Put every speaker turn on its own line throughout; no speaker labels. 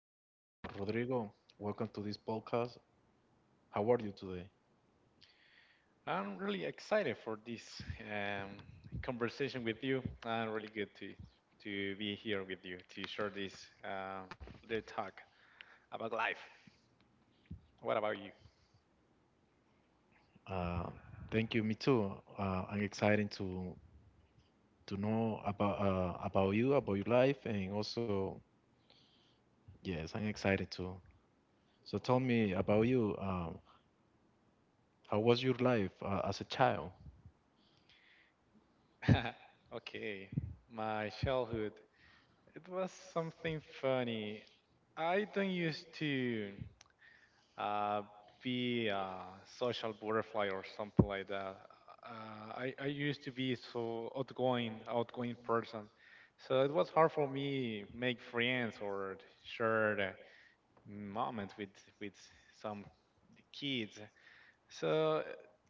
Hello, Rodrigo. Welcome to this podcast. How are you today?
I'm really excited for this um, conversation with you. Really good to be here with you to share this uh, little talk about life. What about you?
Uh, Thank you. Me too. I'm excited to know about you, about your life, and also yes, I'm excited too. So tell me about you. How was your life as a child?
Okay, my childhood. It was something funny. I don't used to. uh, be a social butterfly or something like that. I used to be so outgoing, outgoing person, so it was hard for me make friends or share the moment with some kids. So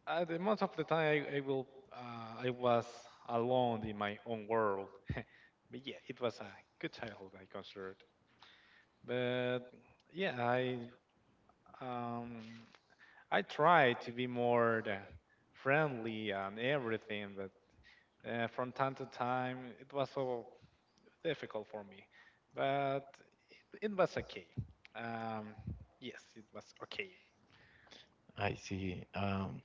the most of the time I will I was alone in my own world. But yeah, it was a good childhood I considered. But yeah, um, I try to be more the friendly and everything, but from time to time it was so difficult for me. But it was okay. Um, yes, it was okay.
I see.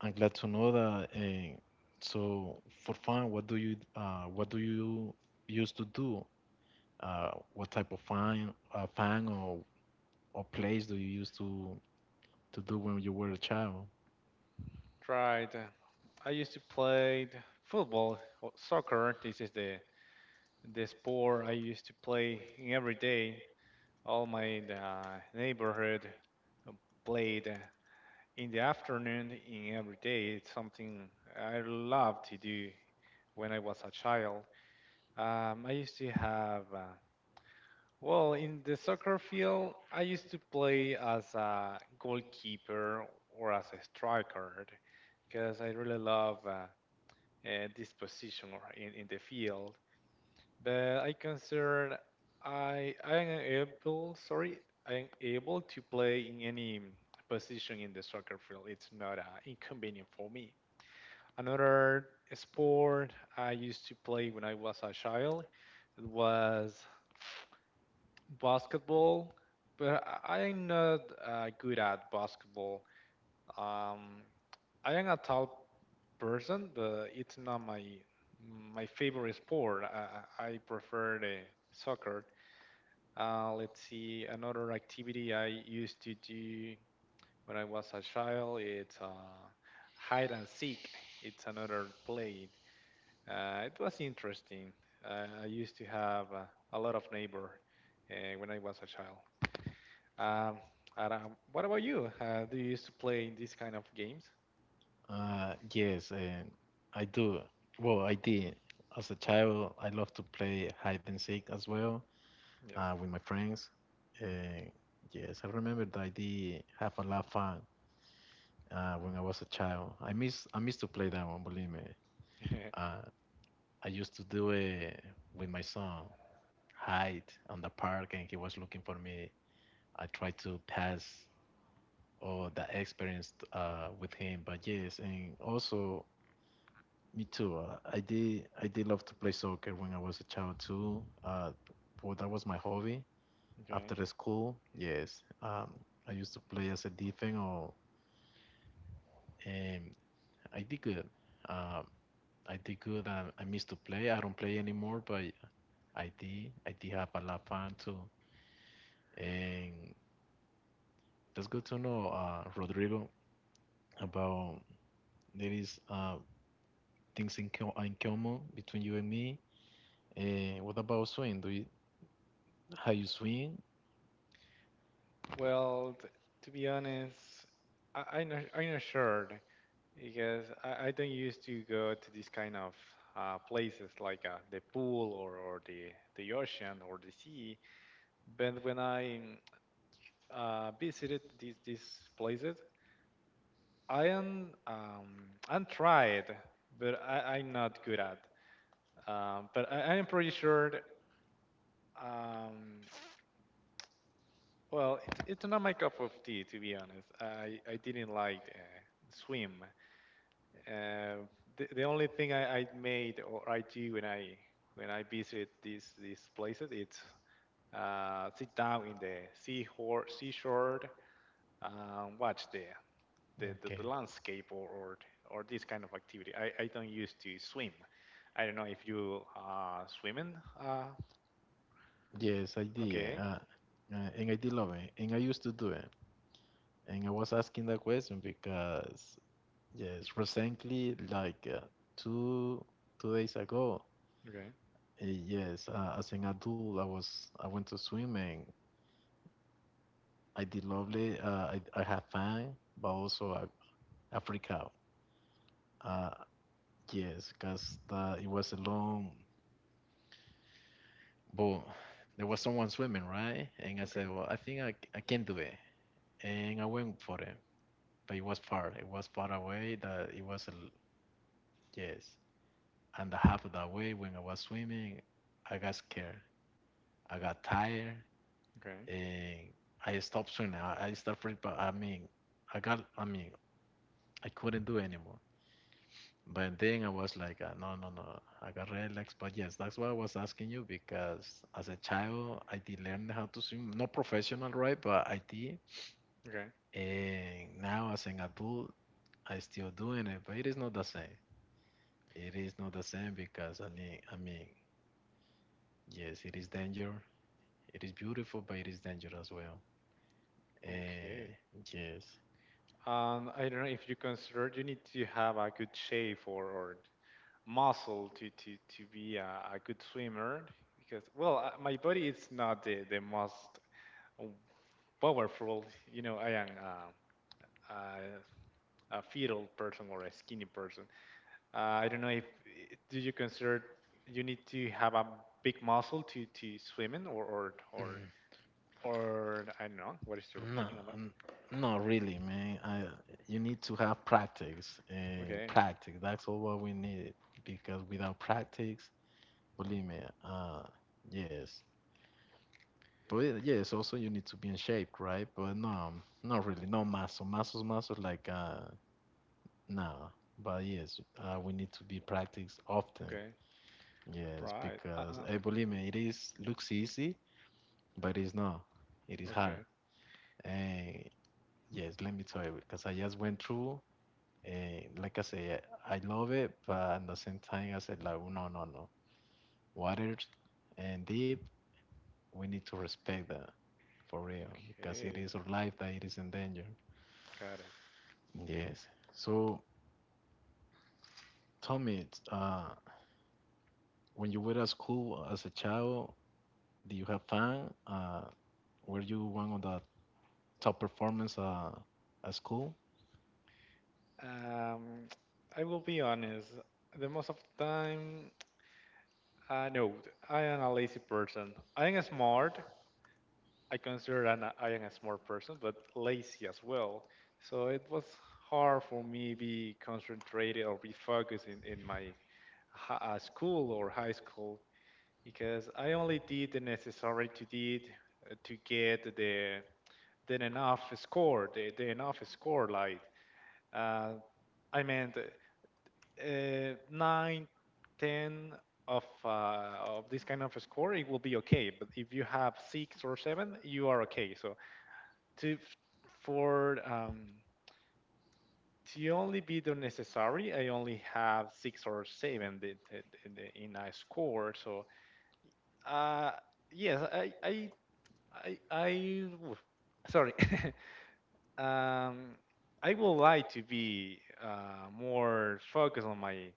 I'm glad to know that. And so, for fun, what do you used to do? What type of fun or place do you used to do when you were a child?
Right. I used to play football, or soccer. This is the sport I used to play in every day. All my neighborhood uh, played in the afternoon in every day. It's something I love to do when I was a child. I used to have, well, in the soccer field, I used to play as a goalkeeper or as a striker because I really love this position or in the field. But I consider I am able, sorry, I am able to play in any position in the soccer field. It's not inconvenient for me. Another sport I used to play when I was a child was basketball, but I'm not good at basketball. Um, I am a tall person, but it's not my favorite sport. I prefer the soccer. Let's see, another activity I used to do when I was a child. It's hide and seek. It's another play. It was interesting. I used to have a lot of neighbor when I was a child. Um, and, what about you? Do you used to play these kind of games?
Yes, and I do. Well, I did. As a child, I love to play hide and seek as well
Yes.
with my friends. And yes, I remember that I did have a lot of fun when I was a child. I miss to play that one, believe me. Uh, I used to do it with my son, hide on the park, and he was looking for me. I tried to pass or that experience with him. But yes, and also me too. I did love to play soccer when I was a child too. Well, that was my hobby after
Okay.
the school. Yes, I used to play as a defense, or and I did good. Um, I did good. I missed to play. I don't play anymore, but I did. I did have a lot of fun too. And that's good to know, Rodrigo, about there is things in, in common between you and me. And what about swing? Do you how you swing?
Well, to be honest, I'm not sure because I don't used to go to these kind of places like the pool or the ocean or the sea. But when I visited these places, I am I'm tried, but I'm not good at. But I am pretty sure. Um, well, it's not my cup of tea to be honest. I didn't like swim. Uh, the only thing I made or I do when I visit these places, it's sit down in the seashore, watch
Okay.
the landscape or, or this kind of activity. I don't used to swim. I don't know if you swimming. Uh
Yes, I did.
okay.
And I did love it. And I used to do it. And I was asking that question because, yes, recently, like two two days ago,
Okay.
yes, as an adult, I went to swim and I did lovely. I had fun, but also I freak out. Uh, Yes, because that it was a long, but there was someone swimming, right? And I
Okay.
said, well, I, think I can do it. And I went for it, but it was far. It was far away that it was, yes. And the half of that way when I was swimming, I got scared. I got tired
Okay.
and I stopped swimming. I started, but I mean, I got, I mean, I couldn't do it anymore. But then I was like, no, no, no, I got relaxed. But yes, that's why I was asking you because as a child, I did learn how to swim. Not professional, right? But I did.
Okay.
And now as an adult, I still doing it, but it is not the same. It is not the same because I mean, yes, it is danger. It is beautiful, but it is danger as well.
Okay.
And yes.
I don't know if you consider you need to have a good shape or muscle to be a good swimmer because well my body is not the most powerful you know I am uh, a fetal person or a skinny person. I don't know if do you consider you need to have a big muscle to swim in, or I don't know. What is your
No,
opinion about?
n- not really, man. I, you need to have practice and
Okay,
practice. That's all what we need because without practice, believe me, uh, yes. But yes, also you need to be in shape, right? But no, not really. No muscles, muscles like no. But yes, we need to be practiced often.
okay,
Yes,
right.
because hey, believe me, it is looks easy, but it's not. It is hard.
Okay,
And yes, let me tell you, because I just went through. And like I said, I love it, but at the same time, I said like, no, no, no. Water and deep, we need to respect that for real because it
okay,
is our life that it is in danger.
got it.
Yes. So, Tommy, when you were at school as a child, did you have fun? Were you one of the top performers at school?
Um, I will be honest. The most of the time, I know I am a lazy person. I am smart, I consider that I am a smart person, but lazy as well. So it was hard for me be concentrated or be focused in my school or high school because I only did the necessary to did to get the then enough score, the enough score like uh, I meant nine, ten of this kind of score, it will be okay. But if you have six or seven, you are okay. So to for to only be the necessary, I only have six or seven in I score. So uh, yes, I oof, sorry. um, I would like to be more focused on my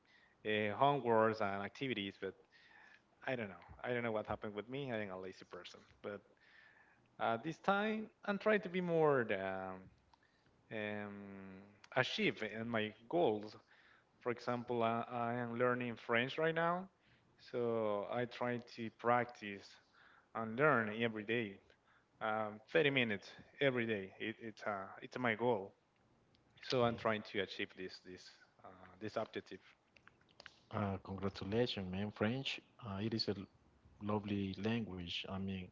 homeworks and activities, but I don't know. I don't know what happened with me. I am a lazy person, but this time I'm trying to be more um, achieve and my goals. For example, I am learning French right now, so I try to practice and learn every day. 30 minutes every day. It's my goal. So
Like,
I'm trying to achieve this uh, this objective.
congratulations, man. French, it is a lovely language. I mean,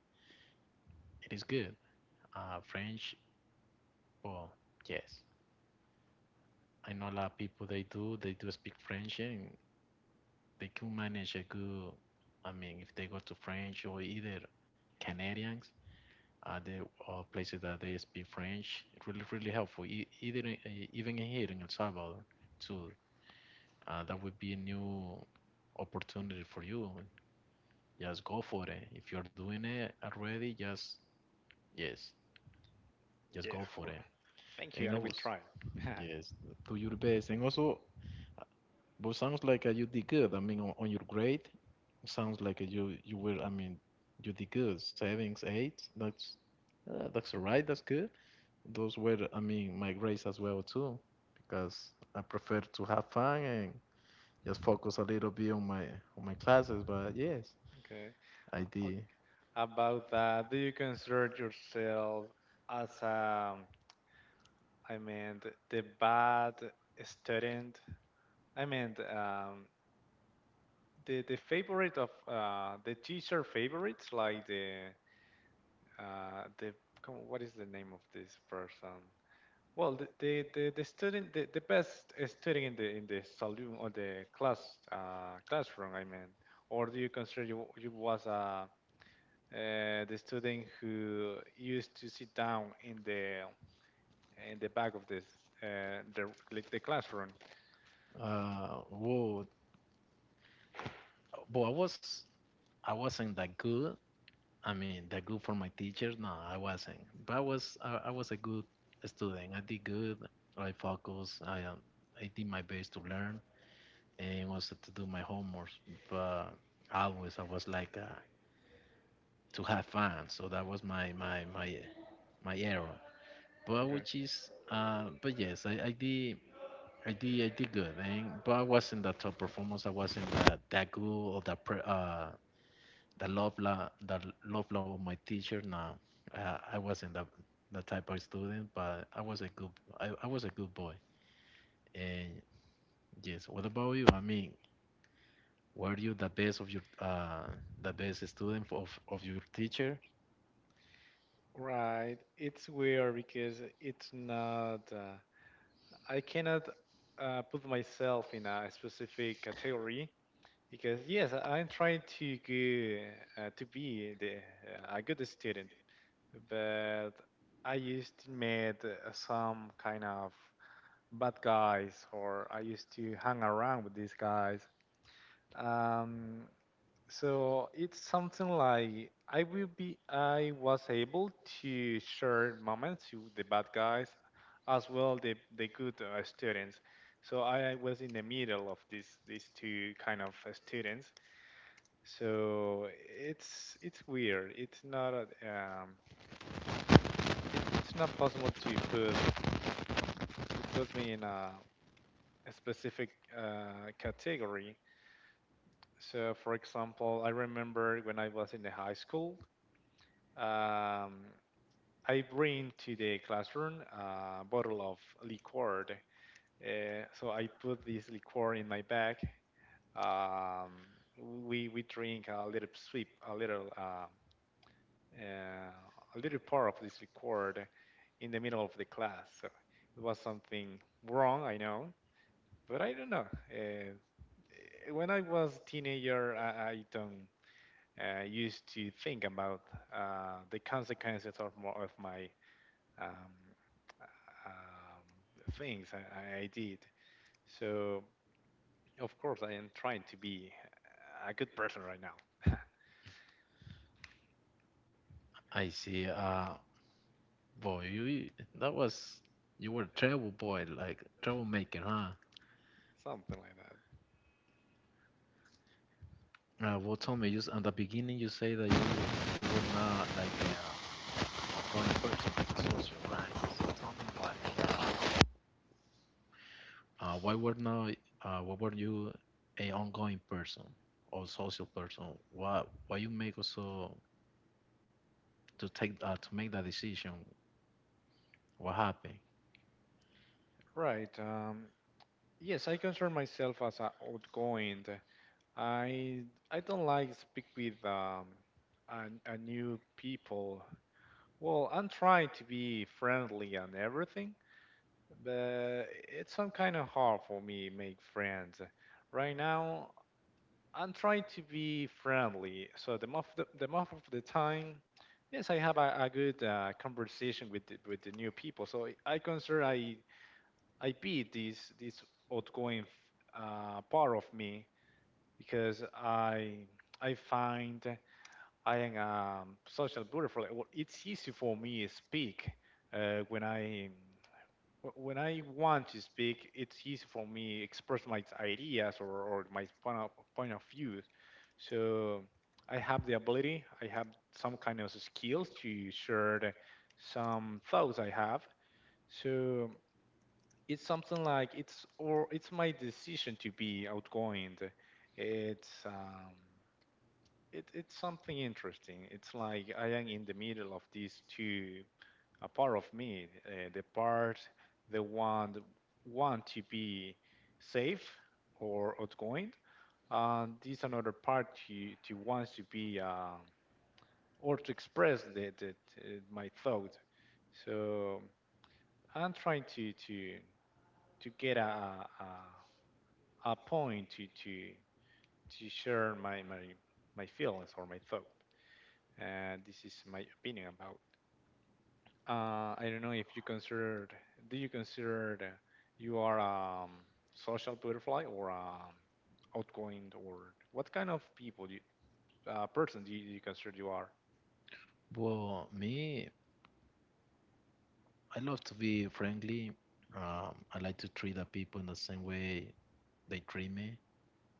it is good. French, well, yes. I know a lot of people they do speak French and they can manage a good. I mean, if they go to French or either Canadians, they or places that they speak French, it really really helpful. Even here in El Salvador, too, that would be a new opportunity for you. Just go for it. If you're doing it already, just yes, just
Yes,
go
of
for it.
course. Thank you.
And I
I will
was
try.
yes, do your best. And also, but sounds like you did good. I mean, on your grade, sounds like you were. I mean, you did good. Sevens, eights. That's alright. That's good. Those were, I mean, my grades as well too, because I prefer to have fun and just focus a little bit on my classes. But yes,
Okay.
I
O-
did.
About that, do you consider yourself as I meant the bad student? I meant the favorite of the teacher favorites, like the what is the name of this person? Well, the the student, the best student in the saloon or the class classroom. I mean, or do you consider you was the student who used to sit down in the back of this the like the classroom?
Whoa, but I wasn't that good. I mean, that good for my teachers? No, I wasn't. But I was a good student. I did good. I focused. I did my best to learn and also to do my homework. But always, I was like to have fun. So that was my error. But
Okay.
which is, but yes, I did. I did good, and but I wasn't the top performance. I wasn't that good or the love la the love love of my teacher. Nah I wasn't the type of student, but I was a good. I was a good boy. And yes, what about you? I mean, were you the best of your the best student of your teacher?
Right. It's weird because it's not. I cannot put myself in a specific category because yes, I'm trying to go, to be the, a good student, but I used to meet some kind of bad guys, or I used to hang around with these guys. Um, so it's something like I will be I was able to share moments with the bad guys as well the good students. So I was in the middle of these two kind of students. So it's weird. It's not a, um it, it's not possible to put me in a specific category. So for example, I remember when I was in the high school. Um, I bring to the classroom a bottle of liqueur. So I put this liqueur in my bag. Um, we drink a little sip, uh, a little part of this liqueur in the middle of the class. So it was something wrong, I know, but I don't know. When I was a teenager, I don't used to think about the consequences of my um, things I did. So of course I am trying to be a good person right now,
I see. Boy you that was You were a trouble boy, like troublemaker, huh?
something like that.
Well, tell me, just at the beginning, you say that you were not like a outgoing person, social, right? So tell me why. Why were not? Why were you a ongoing person or social person? Why why you make also to make that decision? What happened?
Right. Yes, I consider myself as a outgoing. I I don't like speak with a, a new people. Well, I'm trying to be friendly and everything, but it's some kind of hard for me make friends. Right now, I'm trying to be friendly. So the most of the most of the time, yes, I have a good conversation with the new people. So I consider I be this outgoing part of me because I find I am a social butterfly. Well, it's easy for me to speak when I when I want to speak, it's easy for me express my ideas or my point of views. So I have the ability, I have some kind of skills to share some thoughts I have. So it's something like it's or it's my decision to be outgoing. It's it, it's something interesting. It's like I am in the middle of these two a part of me, the part that want to be safe or outgoing, and this another part to wants to be or to express that my thought. So I'm trying to get a a point to share my feelings or my thought, and this is my opinion about. I don't know if you considered, do you consider that you are a social butterfly or outgoing or what kind of people do you, person do you, you consider you are?
Well, me, I love to be friendly. I like to treat the people in the same way they treat me.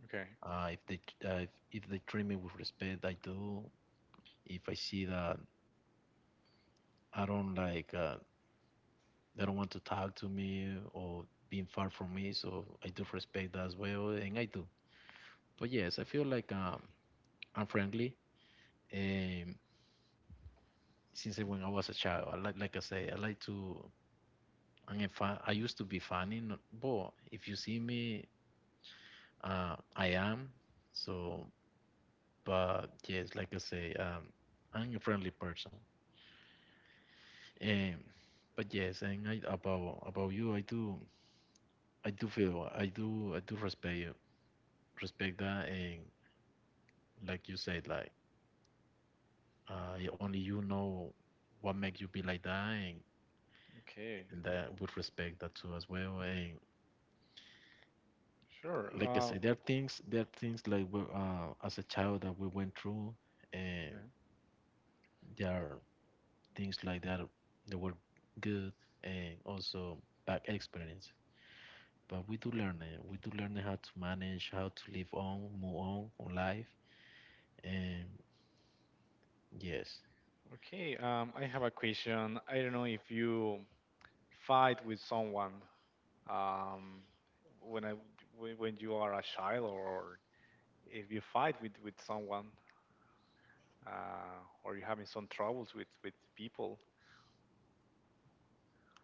Okay.
Uh, if they if they treat me with respect, I do. If I see that I don't like they don't want to talk to me or being far from me, so I do respect that as well, and I do. But yes, I feel like I'm friendly um, since when I was a child. Like I say, I like to. I used to be funny, but if you see me, I am. So, but yes, like I say, I'm a friendly person. Um, but yes, and about you, I do feel, I do respect you, respect that, and like you said, like only you know what make you be like that, and
Okay.
that would respect that too as well. And
Sure.
like I said, there are things like we as a child that we went through, and
Okay.
there are things like that that were good and also bad experience. But we do learn it. We do learn how to manage, how to live on, move on life. And yes,
Okay. I have a question. I don't know if you fight with someone um, when I when you are a child or if you fight with someone or you're having some troubles with people.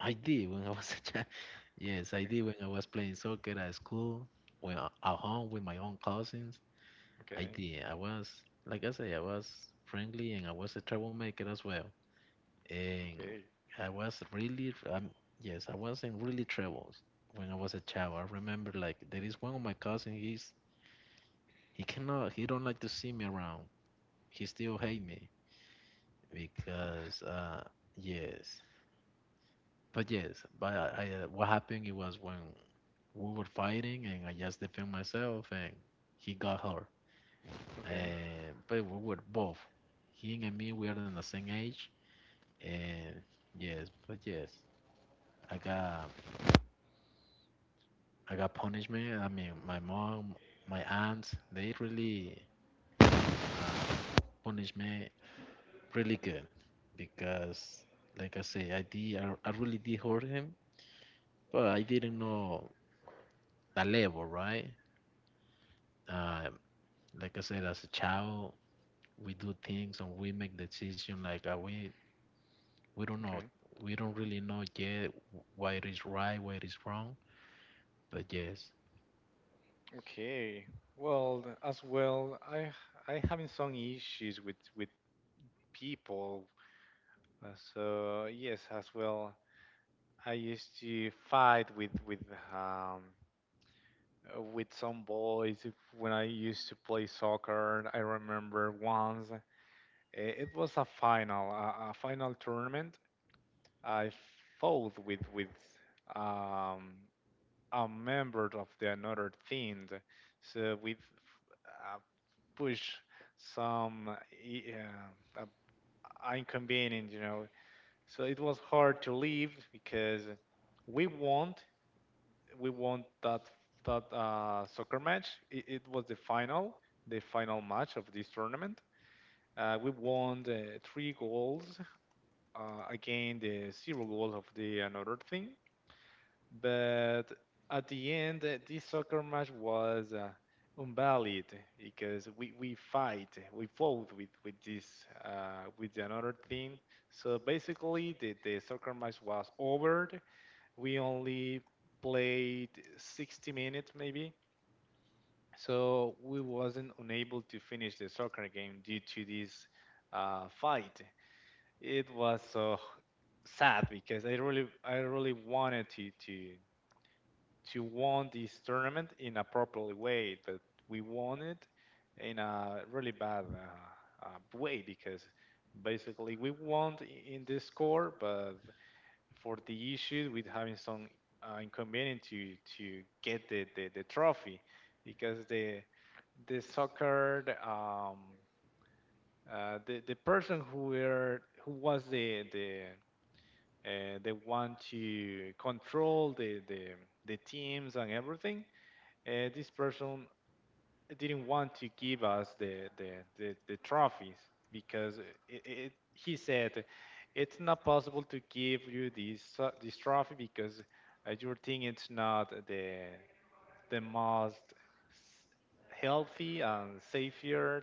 I did when I was a child. Yes, I did when I was playing soccer at school, at home with my own cousins. I
Okay,
did. I was, like I say, I was friendly and I was a troublemaker as well. And
okay,
I was really, yes, I was in really troubles when I was a child. I remember like there is one of my cousins. He cannot, he don't like to see me around. He still hate me because, yes, yes, but I what happened? It was when we were fighting and I just defend myself and he got hurt.
okay,
But we were both. Him and me, we are in the same age. And yes, but yes, I got I got punishment. I mean, my mom, my aunts, they really uh, punish me really good because, like I say, I really did hurt him, but I didn't know the level, right? Um, like I said, as a child, we do things and we make decisions like we don't know.
okay,
We don't really know yet why it is right, why it is wrong. But yes.
okay. Well, as well, I having some issues with people. So yes, as well, I used to fight with um with some boys when I used to play soccer. I remember once it was a final, a final tournament. I fought with um a member of the another team. So we uh, push some inconvenience, you know. So it was hard to leave because we want we want that that soccer match. It was the final match of this tournament. We won the three goals uh, against the zero goals of the another team. But at the end, this soccer match was invalid because we fought with another team. So basically, the soccer match was over. We only played 60 minutes maybe. So we wasn't unable to finish the soccer game due to this fight. It was so sad because I really wanted to won this tournament in a properly way, but we won it in a really bad way because basically we won in the score, but for the issue with having some inconvenience to get the trophy because the soccer the person who was the one to control the teams and everything. And this person didn't want to give us the trophies because he said it's not possible to give you this trophy because your thing it's not the most healthy and safer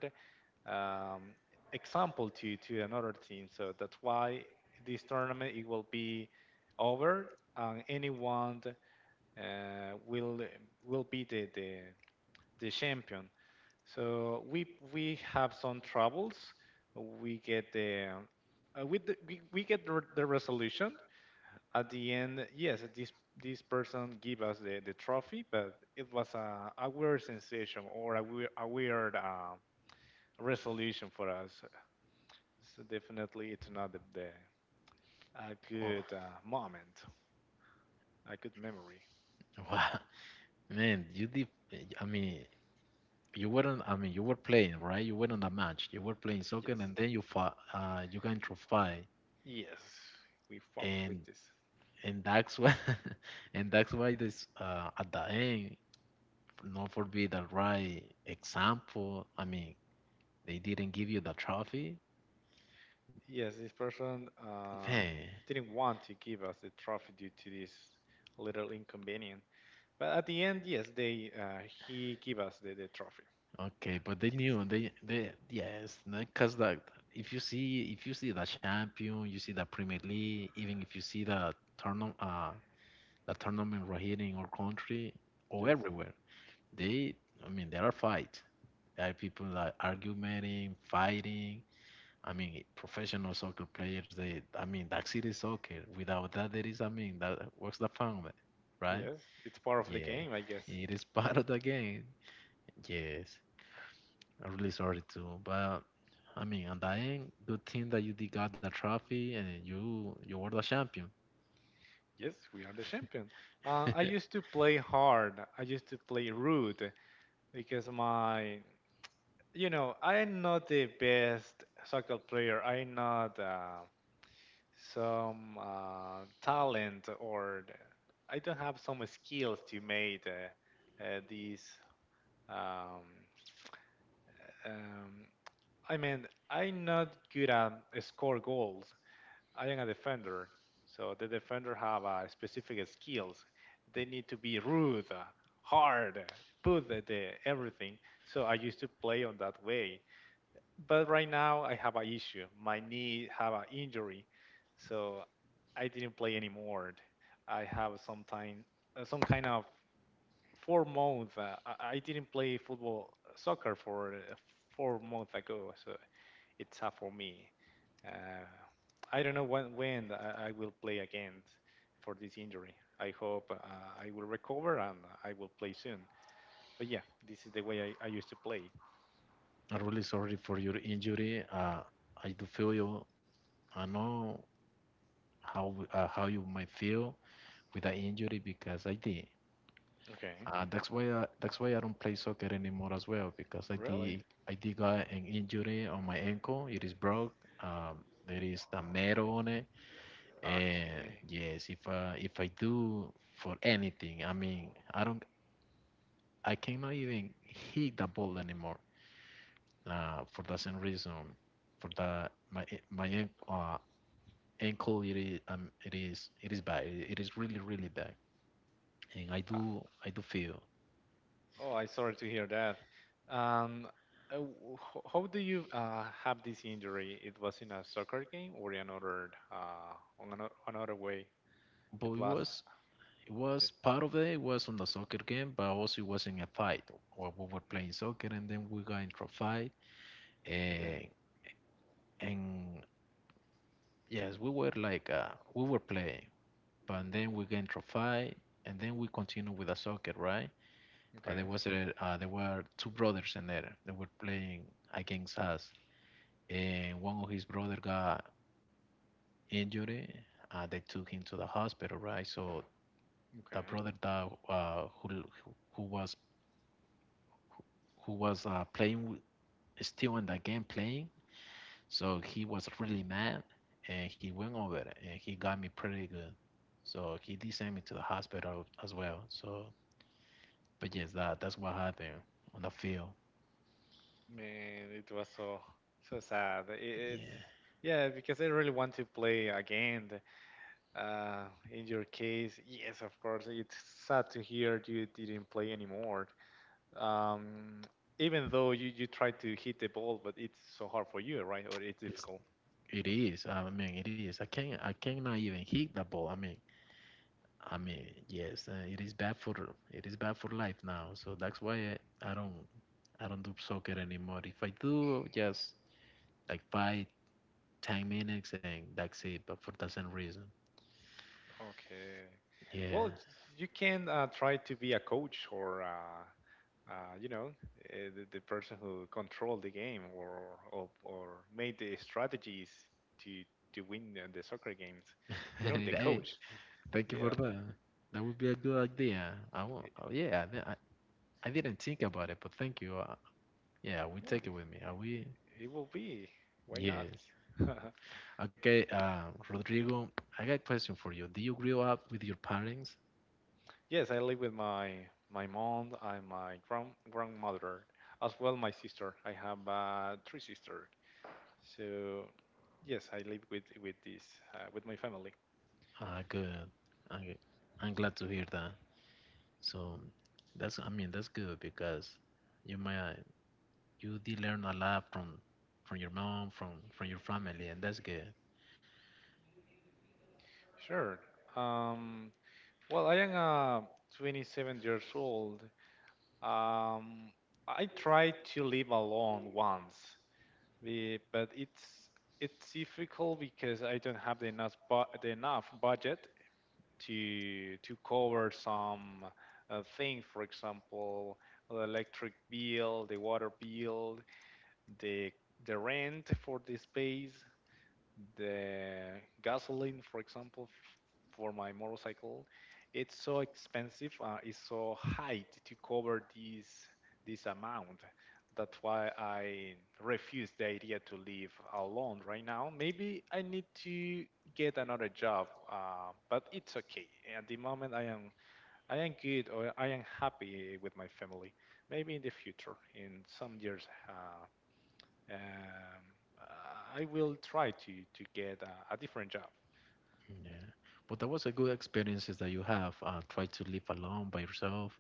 um, example to another team. So that's why this tournament it will be over and anyone will be the champion. So we have some troubles. We get the with we get the resolution at the end. Yes, this person give us the trophy, but it was a weird sensation or a weird resolution for us. So definitely, it's not the, the a
Oh,
good moment, a good memory.
wow. Man, you did. I mean, you weren't. I mean, you were playing, right? You were on the match. You were playing soccer,
Yes,
and then you fought. You got into a fight,
yes, we fought
and
with this.
and that's why, and that's why this. At the end, not for be the right example. I mean, they didn't give you the trophy,
Yes, this person
man.
didn't want to give us the trophy due to this little inconvenience. But at the end, yes, they he gave us the trophy.
Okay, but they
Yes,
knew they, yes, because like if you see the champion, you see the Premier League, even if you see the tournament, the tournament right here in our country or
yes,
everywhere, they I mean, there are fights. There are people like arguing, fighting. I mean, professional soccer players. They I mean, that's it is soccer. Without that, there is I mean, that what's the fun of it, right?
yes. It's part of the
Yeah,
game, I guess.
it is part of the game. Yes. I'm really sorry too, but I mean, on the end, good thing that you did got the trophy and you were the champion.
Yes, we are the champion. I
I'm
used to play hard. I used to play rude because my, you know, I'm not the best soccer player. I'm not. Some talent or I don't have some skills to make these. Um, um, I mean, I'm not good at score goals. I am a defender, so the defender have specific skills. They need to be rude, hard, put the everything. So I used to play on that way, but right now I have an issue. My knee have an injury, so I didn't play anymore. I have some time, some kind of 4 months. I didn't play football, soccer for 4 months ago, so it's tough for me. Uh, I don't know when I will play again for this injury. I hope I will recover and I will play soon. But yeah, this is the way I used to play.
really sorry for your injury. I do feel you. I know how you might feel with the injury because I did.
Okay,
That's why I don't play soccer anymore as well because I
really?
did I did got an injury on my ankle. It is broke. There is a metal on it, and
Okay.
yes, if I do for anything, I mean, I don't, I cannot even hit the ball anymore. For the same reason, for my ankle, it is bad. It is really really bad, and I do feel.
Oh, I'm sorry to hear that. Um, uh, w- how do you have this injury? It was in a soccer game or in another another way?
But
It
it
was.
was it was
Yeah.
part of it. It was on the soccer game, but also it was in a fight. Or we were playing soccer, and then we got into a fight,
Okay.
and and yes, we were like we were playing, but then we get trophy, and then we continue with the soccer, right? But
Okay.
there were two brothers in there that were playing against us, and one of his brother got injured. They took him to the hospital, right? So the
Okay.
brother that who was who was playing, still in the game playing, so he was really mad, and he went over and he got me pretty good. So he did send me to the hospital as well. So, but yes, that's what happened on the field.
Man, it was so sad. It's
Yeah,
yeah, because I really want to play again. Uh, in your case, yes, of course, it's sad to hear you didn't play anymore. Um, Even though you try to hit the ball, but it's so hard for you, right? Or it's
it's,
difficult.
it
Okay.
is. I mean, it is. I can't. I cannot even hit the ball. I mean, yes, it is bad for life now. So that's why I don't do soccer anymore. If I do, just like 5, 10 minutes, and that's it. But for the same reason,
Okay. Well,
yeah.
you can try to be a coach or, uh, you know, the person who controlled the game or, or made the strategies to, to win the soccer games. You know, the
Hey,
coach.
thank you for
Yeah.
that. That would be a good idea. I won't.
It,
Oh, yeah, I, di- I didn't think about it, but thank you. Yeah,
of
we
course,
take it with me. I will.
it will be. Why not?
Yes. Okay, Rodrigo, I got a question for you. Do you grow up with your parents?
Yes, I live with my mom and my grand grandmother, as well my sister. I have three sisters. So yes, I live with my family.
Ah, good. I, I'm glad to hear that. So that's, I mean, that's good because you might you did learn a lot from your mom, from your family, and that's good.
Sure. Um, well, I am 27 years old. Um, I tried to live alone once, but it's difficult because I don't have the enough budget to cover some things, for example, the electric bill, the water bill, the the rent for the space, the gasoline, for example, for my motorcycle, it's so expensive. It's so high to cover this amount. That's why I refuse the idea to live alone right now. Maybe I need to get another job, but it's okay. At the moment, I am good or I am happy with my family. Maybe in the future, in some years, um, I will try to get a different job.
Yeah. But that was a good experiences that you have. Try to live alone by yourself.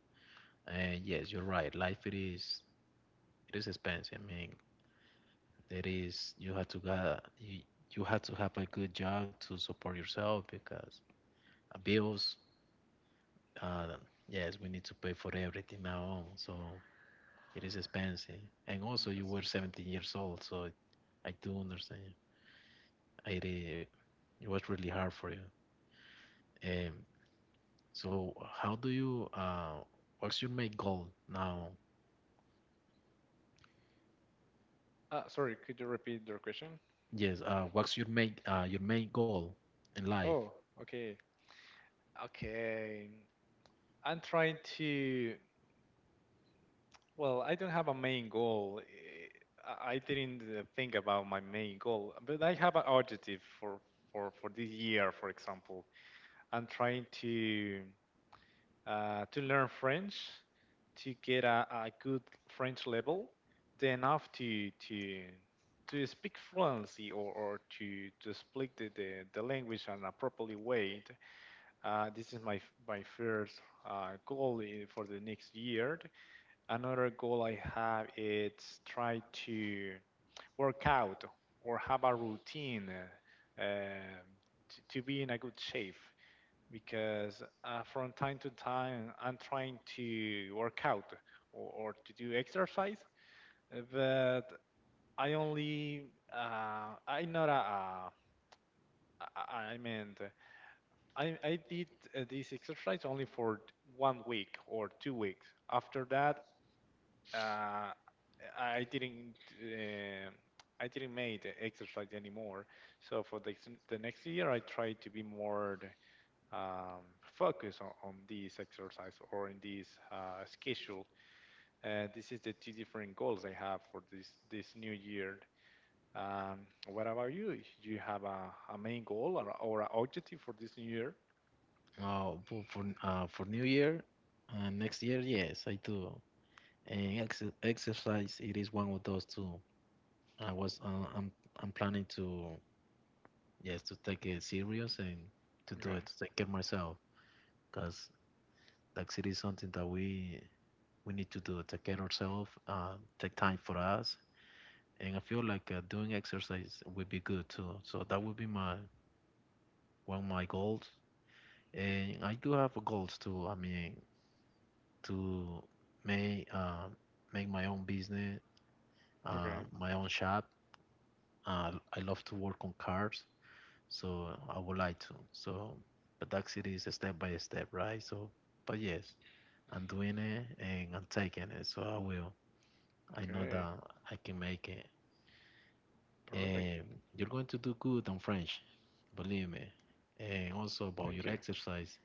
And yes, you're right. Life it is expensive. I mean, that is, you have to have a good job to support yourself because bills. Uh, yes, we need to pay for everything now on, so it is expensive. And also, you
Yes.
were 17 years old, so I do understand. It, i- it was really hard for you. Um, so, how do you what's your main goal now?
Sorry, could you repeat your question?
Yes, what's your main goal in life?
Oh, okay. Okay. I'm trying to. Well, I don't have a main goal. I didn't think about my main goal, but I have an objective for this year, for example. I'm trying to learn French, to get a good French level, then enough to speak fluency or to speak the language on a properly way. This is my first goal for the next year. Another goal I have is try to work out or have a routine uh, um, to be in a good shape because from time to time I'm trying to work out or to do exercise, but I only I'm not a, a I not aaii mean I did this exercise only for one week or 2 weeks. After that, uh, I didn't uh, I didn't make the exercise anymore. So for the next year, I tried to be more focus on this exercise or in this schedule. This is the two different goals I have for this new year. What about you? Do you have a main goal or an objective for this new year?
Oh, for New Year, next year, yes, I do. And ex exercise, it is one of those too. I was, uh, I'm, I'm planning to, yes, to take it serious and to do
Okay,
it, to take care myself, because like it is something that we need to do, take care ourselves, take time for us. And I feel like doing exercise would be good too. So that would be my one of my goals. And I do have goals too. I mean, to make uh, make my own business,
okay,
my own shop. I love to work on cars, so I would like to. So, but that's it is step by step, right? So, but yes, I'm doing it and I'm taking it. So I will. I know
okay,
that I can make it.
perfect.
And you're going to do good on French, believe me. And also about your
Thank you,
exercise.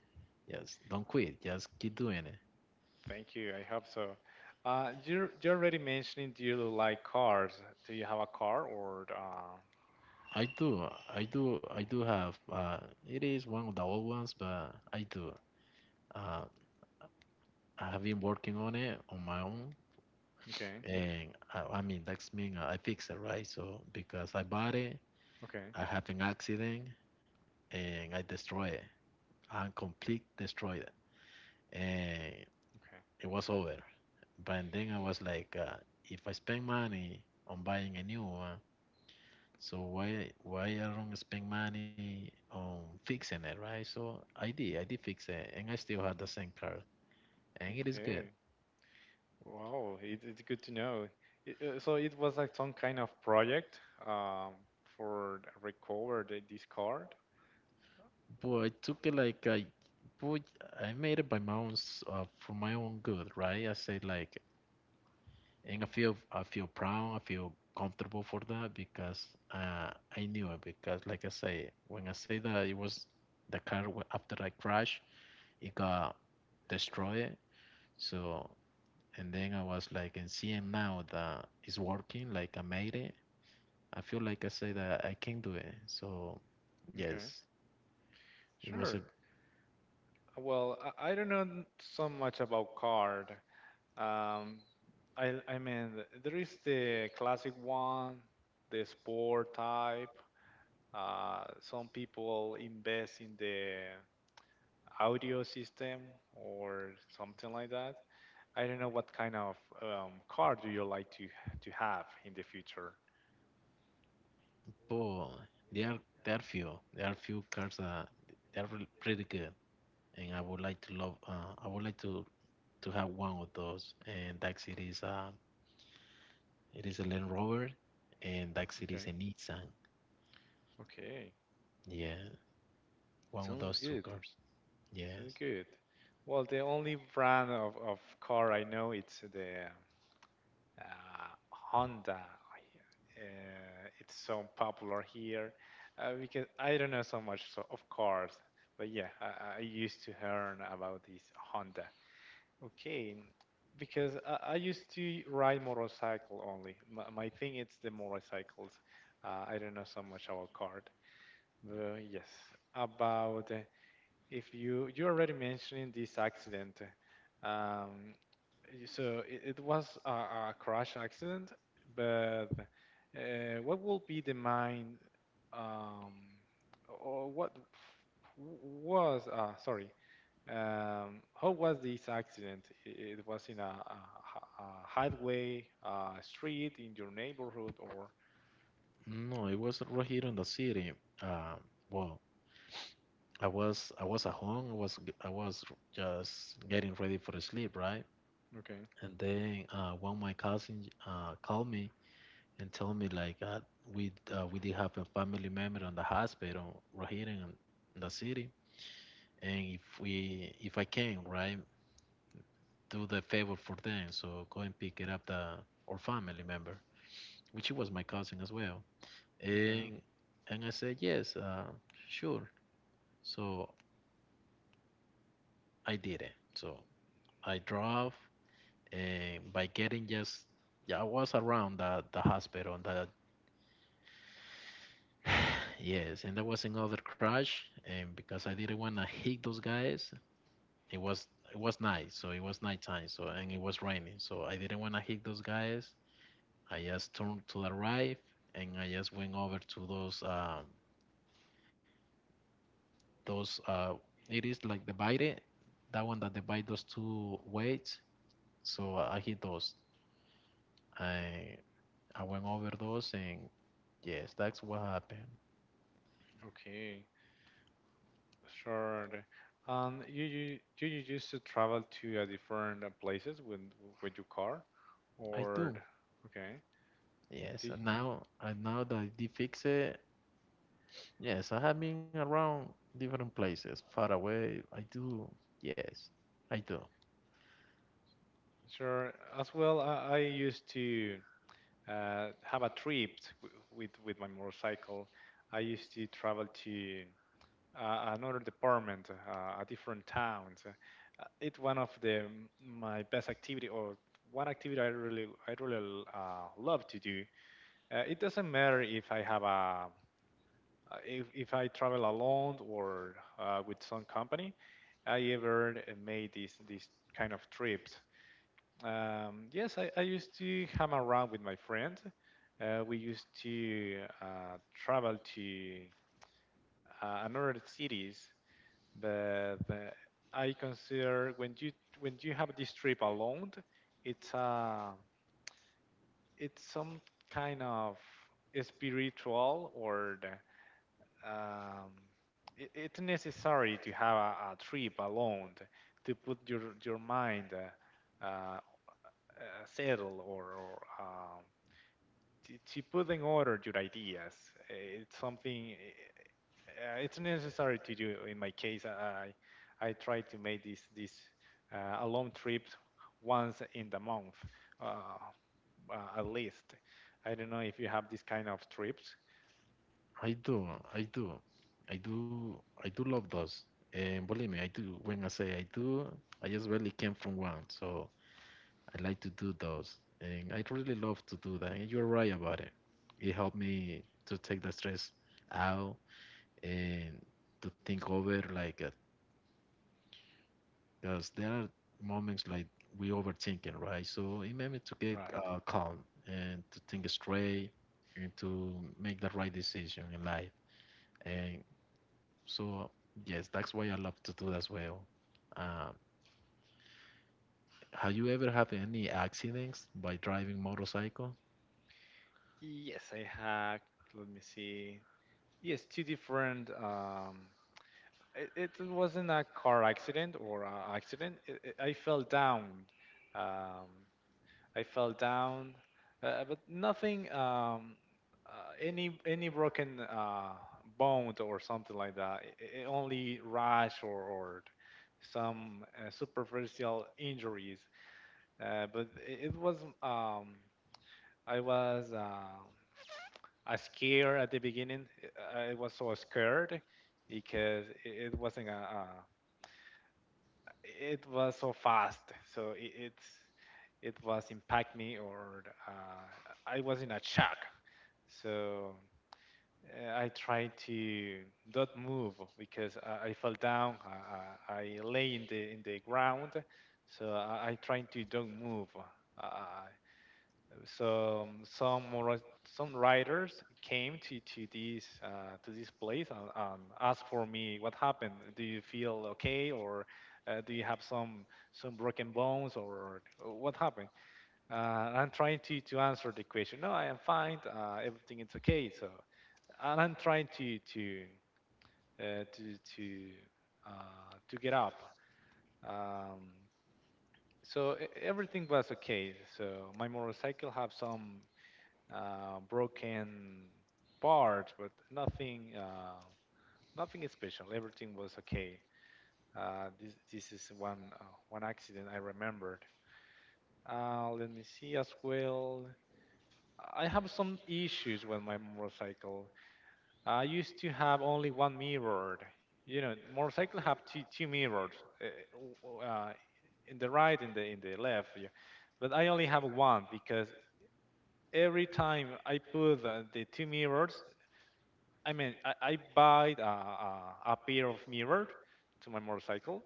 Yes, don't quit. Just keep doing it.
thank you. I hope so. You're already mentioning do you like cars? Do you have a car or
I do, I do have. It is one of the old ones, but I do. Uh, I have been working on it on my own,
okay,
and I mean that's mean I fix it, right? So because I bought it,
okay,
I have an accident and I destroy it. I complete destroyed it, and it was over. But then I was like, if I spend money on buying a new one, so why I don't spend money on fixing it, right? So I did fix it, and I still had the same car, and it is good.
okay? Wow, it, it's good to know. It, so it was like some kind of project um, for the recover this card.
But I took it like I, but I made it by my own, for my own good, right? I said like, and I feel proud, I feel comfortable for that because uh, I knew it. Because like I say, when I say that it was the car wa- after I crashed, it got destroyed. So, and then I was like, and seeing now that it's working, like I made it, I feel like I said that I can do it. So, yes,
Okay,
it was a
sure. Well, I don't know so much about card. Um, I mean, there is the classic one, the sport type. Some people invest in the audio system or something like that. I don't know what kind of car do you like to have in the future.
pull. There are there are few cars that they are really pretty good, and I would like to love. I would like to have one of those. And that city is it is a Land Rover, and that city
Okay.
is a Nissan.
Okay,
Yeah, one of
sounds
those two
good.
cars.
Sounds
Yes.
good. Well, the only brand of car I know it's the uh, Honda. It's so popular here because I don't know so much so of cars, but yeah, I used to learn about this Honda. Okay, because I used to ride motorcycle only. My thing it's the motorcycles. I don't know so much about cart. But yes, about if you already mentioned this accident. Um, so it was a crash accident, but what will be the mind um, or what was sorry how was this accident? It was in a highway, a street in your neighborhood, or
No, it was right here in the city. Um, well, I was at home. I was just getting ready for sleep, right?
okay.
And then one of my cousins called me and told me like we did have a family member on the hospital right here in the city, and if I can, right, do the favor for them, so go and pick it up the or family member, which was my cousin as well.
Okay.
And and I said yes, sure. So I did it. So I drove and by getting just yeah, I was around the hospital and that yes, and there was another crash, and because I didn't want to hit those guys, it was night, so it was nighttime, so and it was raining, so I didn't want to hit those guys. I just turned to the right, and I just went over to those it is like the divided, that one that divide those two weights, so I hit those. I I went over those and yes, that's what happened.
Okay, sure. And you do you used to travel to different places with your car,
I
or
do.
okay, do
Yes,
you-
and now that I did fix it, yes, I have been around different places, far away. I do. Yes, I do.
sure. As well, I used to have a trip with my motorcycle. I used to travel to another department, a different town. So, it's one of the my best activity or one activity I really love to do. It doesn't matter if I have a if I travel alone or with some company. I ever made these kind of trips. Yes, I used to hang around with my friends. We used to travel to another cities, but uh, I consider when you have this trip alone, it's uh it's some kind of spiritual or the, um, it, it's necessary to have a trip alone to put your mind uh, uh, settle or to put in order your ideas. It's something it's necessary to do. In my case, I try to make this a long trip once in the month, uh, at least. I don't know if you have this kind of trips,
I do. I do. I do. I do love those. And believe me, I do. When I say I do, I just really came from one, so I like to do those, and I really love to do that. And you're right about it. It helped me to take the stress out and to think over like because there are moments like we overthinking, right? So it made me to get
right?
calm and to think straight and to make the right decision in life. And so, yes, that's why I love to do that as well. Um, have you ever had any accidents by driving motorcycle?
Yes, I had. Let me see. Yes, two different. It, it wasn't a car accident or a accident. I fell down. Um, I fell down, but nothing, any broken bone or something like that. I only rash or some superficial injuries. It was um, I was I scared at the beginning. I was so scared because it wasn't a, it was so fast so it's it was impact me or I was in a shock so I tried to not move because I fell down I lay in the ground so I tried to don't move uh, so some some writers came to this to this place and asked for me what happened do you feel okay or do you have some broken bones or what happened uh, and I'm trying to answer the question no I am fine everything is okay so and I'm trying to uh, to to get up um, so everything was okay so my motorcycle have some broken parts, but nothing, nothing special. Everything was okay. This is one, one accident I remembered. Let me see as well. I have some issues with my motorcycle. I used to have only one mirror. You know, motorcycle have two, two mirrors, uh, uh, in the right and the in the left. Yeah. But I only have one because every time I put the two mirrors, I mean, I buy a pair of mirror to my motorcycle,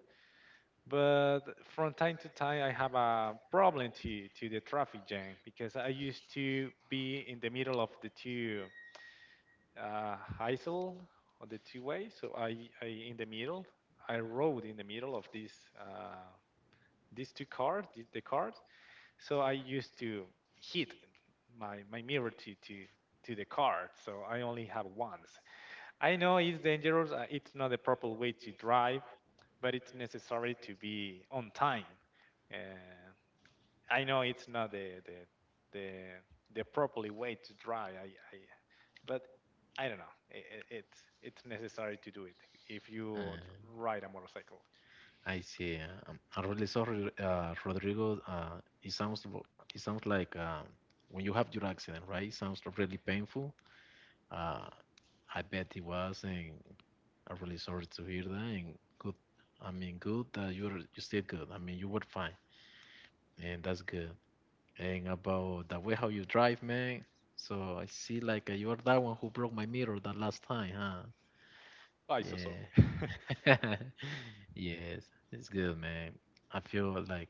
but from time to time I have a problem to the traffic jam because I used to be in the middle of the two hazel on the two ways. So I in the middle, I rode in the middle of uh, these two cars, the cars. So I used to hit my mirror to the card. So I only have one. I know it's dangerous. It's not the proper way to drive, but it's necessary to be on time. Uh, I know it's not the the properly way to drive. I but I don't know. It's necessary to do it if
Uh,
you ride a motorcycle.
I see. I'm really sorry, Rodrigo. It sounds like when you have your accident, right? It sounds really painful. Uh, I bet it was, and I'm really sorry to hear that. And good, I mean, good that you're you still good. I mean, you were fine, and that's good. And about the way how you drive, man. So I see like you are that one who broke my mirror that last time, huh?
I so sorry.
Yeah. Yes, it's good, man. I feel like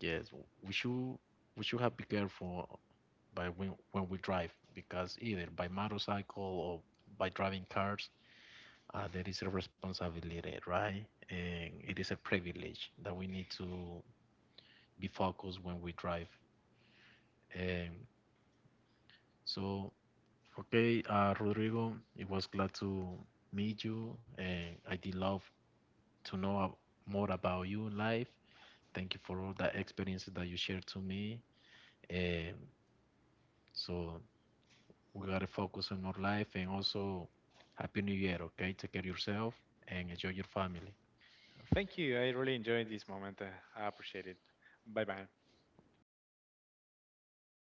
yes, we should we should have be careful by when we drive because either by motorcycle or by driving cars,
No.
there is a responsibility, right? And it is a privilege that we need to be focused when we drive. Um, so, okay, Rodrigo, it was glad to meet you, and I did love to know more about you in life. Thank you for all the experiences that you shared to me. Um, so we gotta focus on our life, and also, Happy New Year, okay? Take care of yourself and enjoy your family.
Thank you. I really enjoyed this moment. I appreciate it. Bye bye.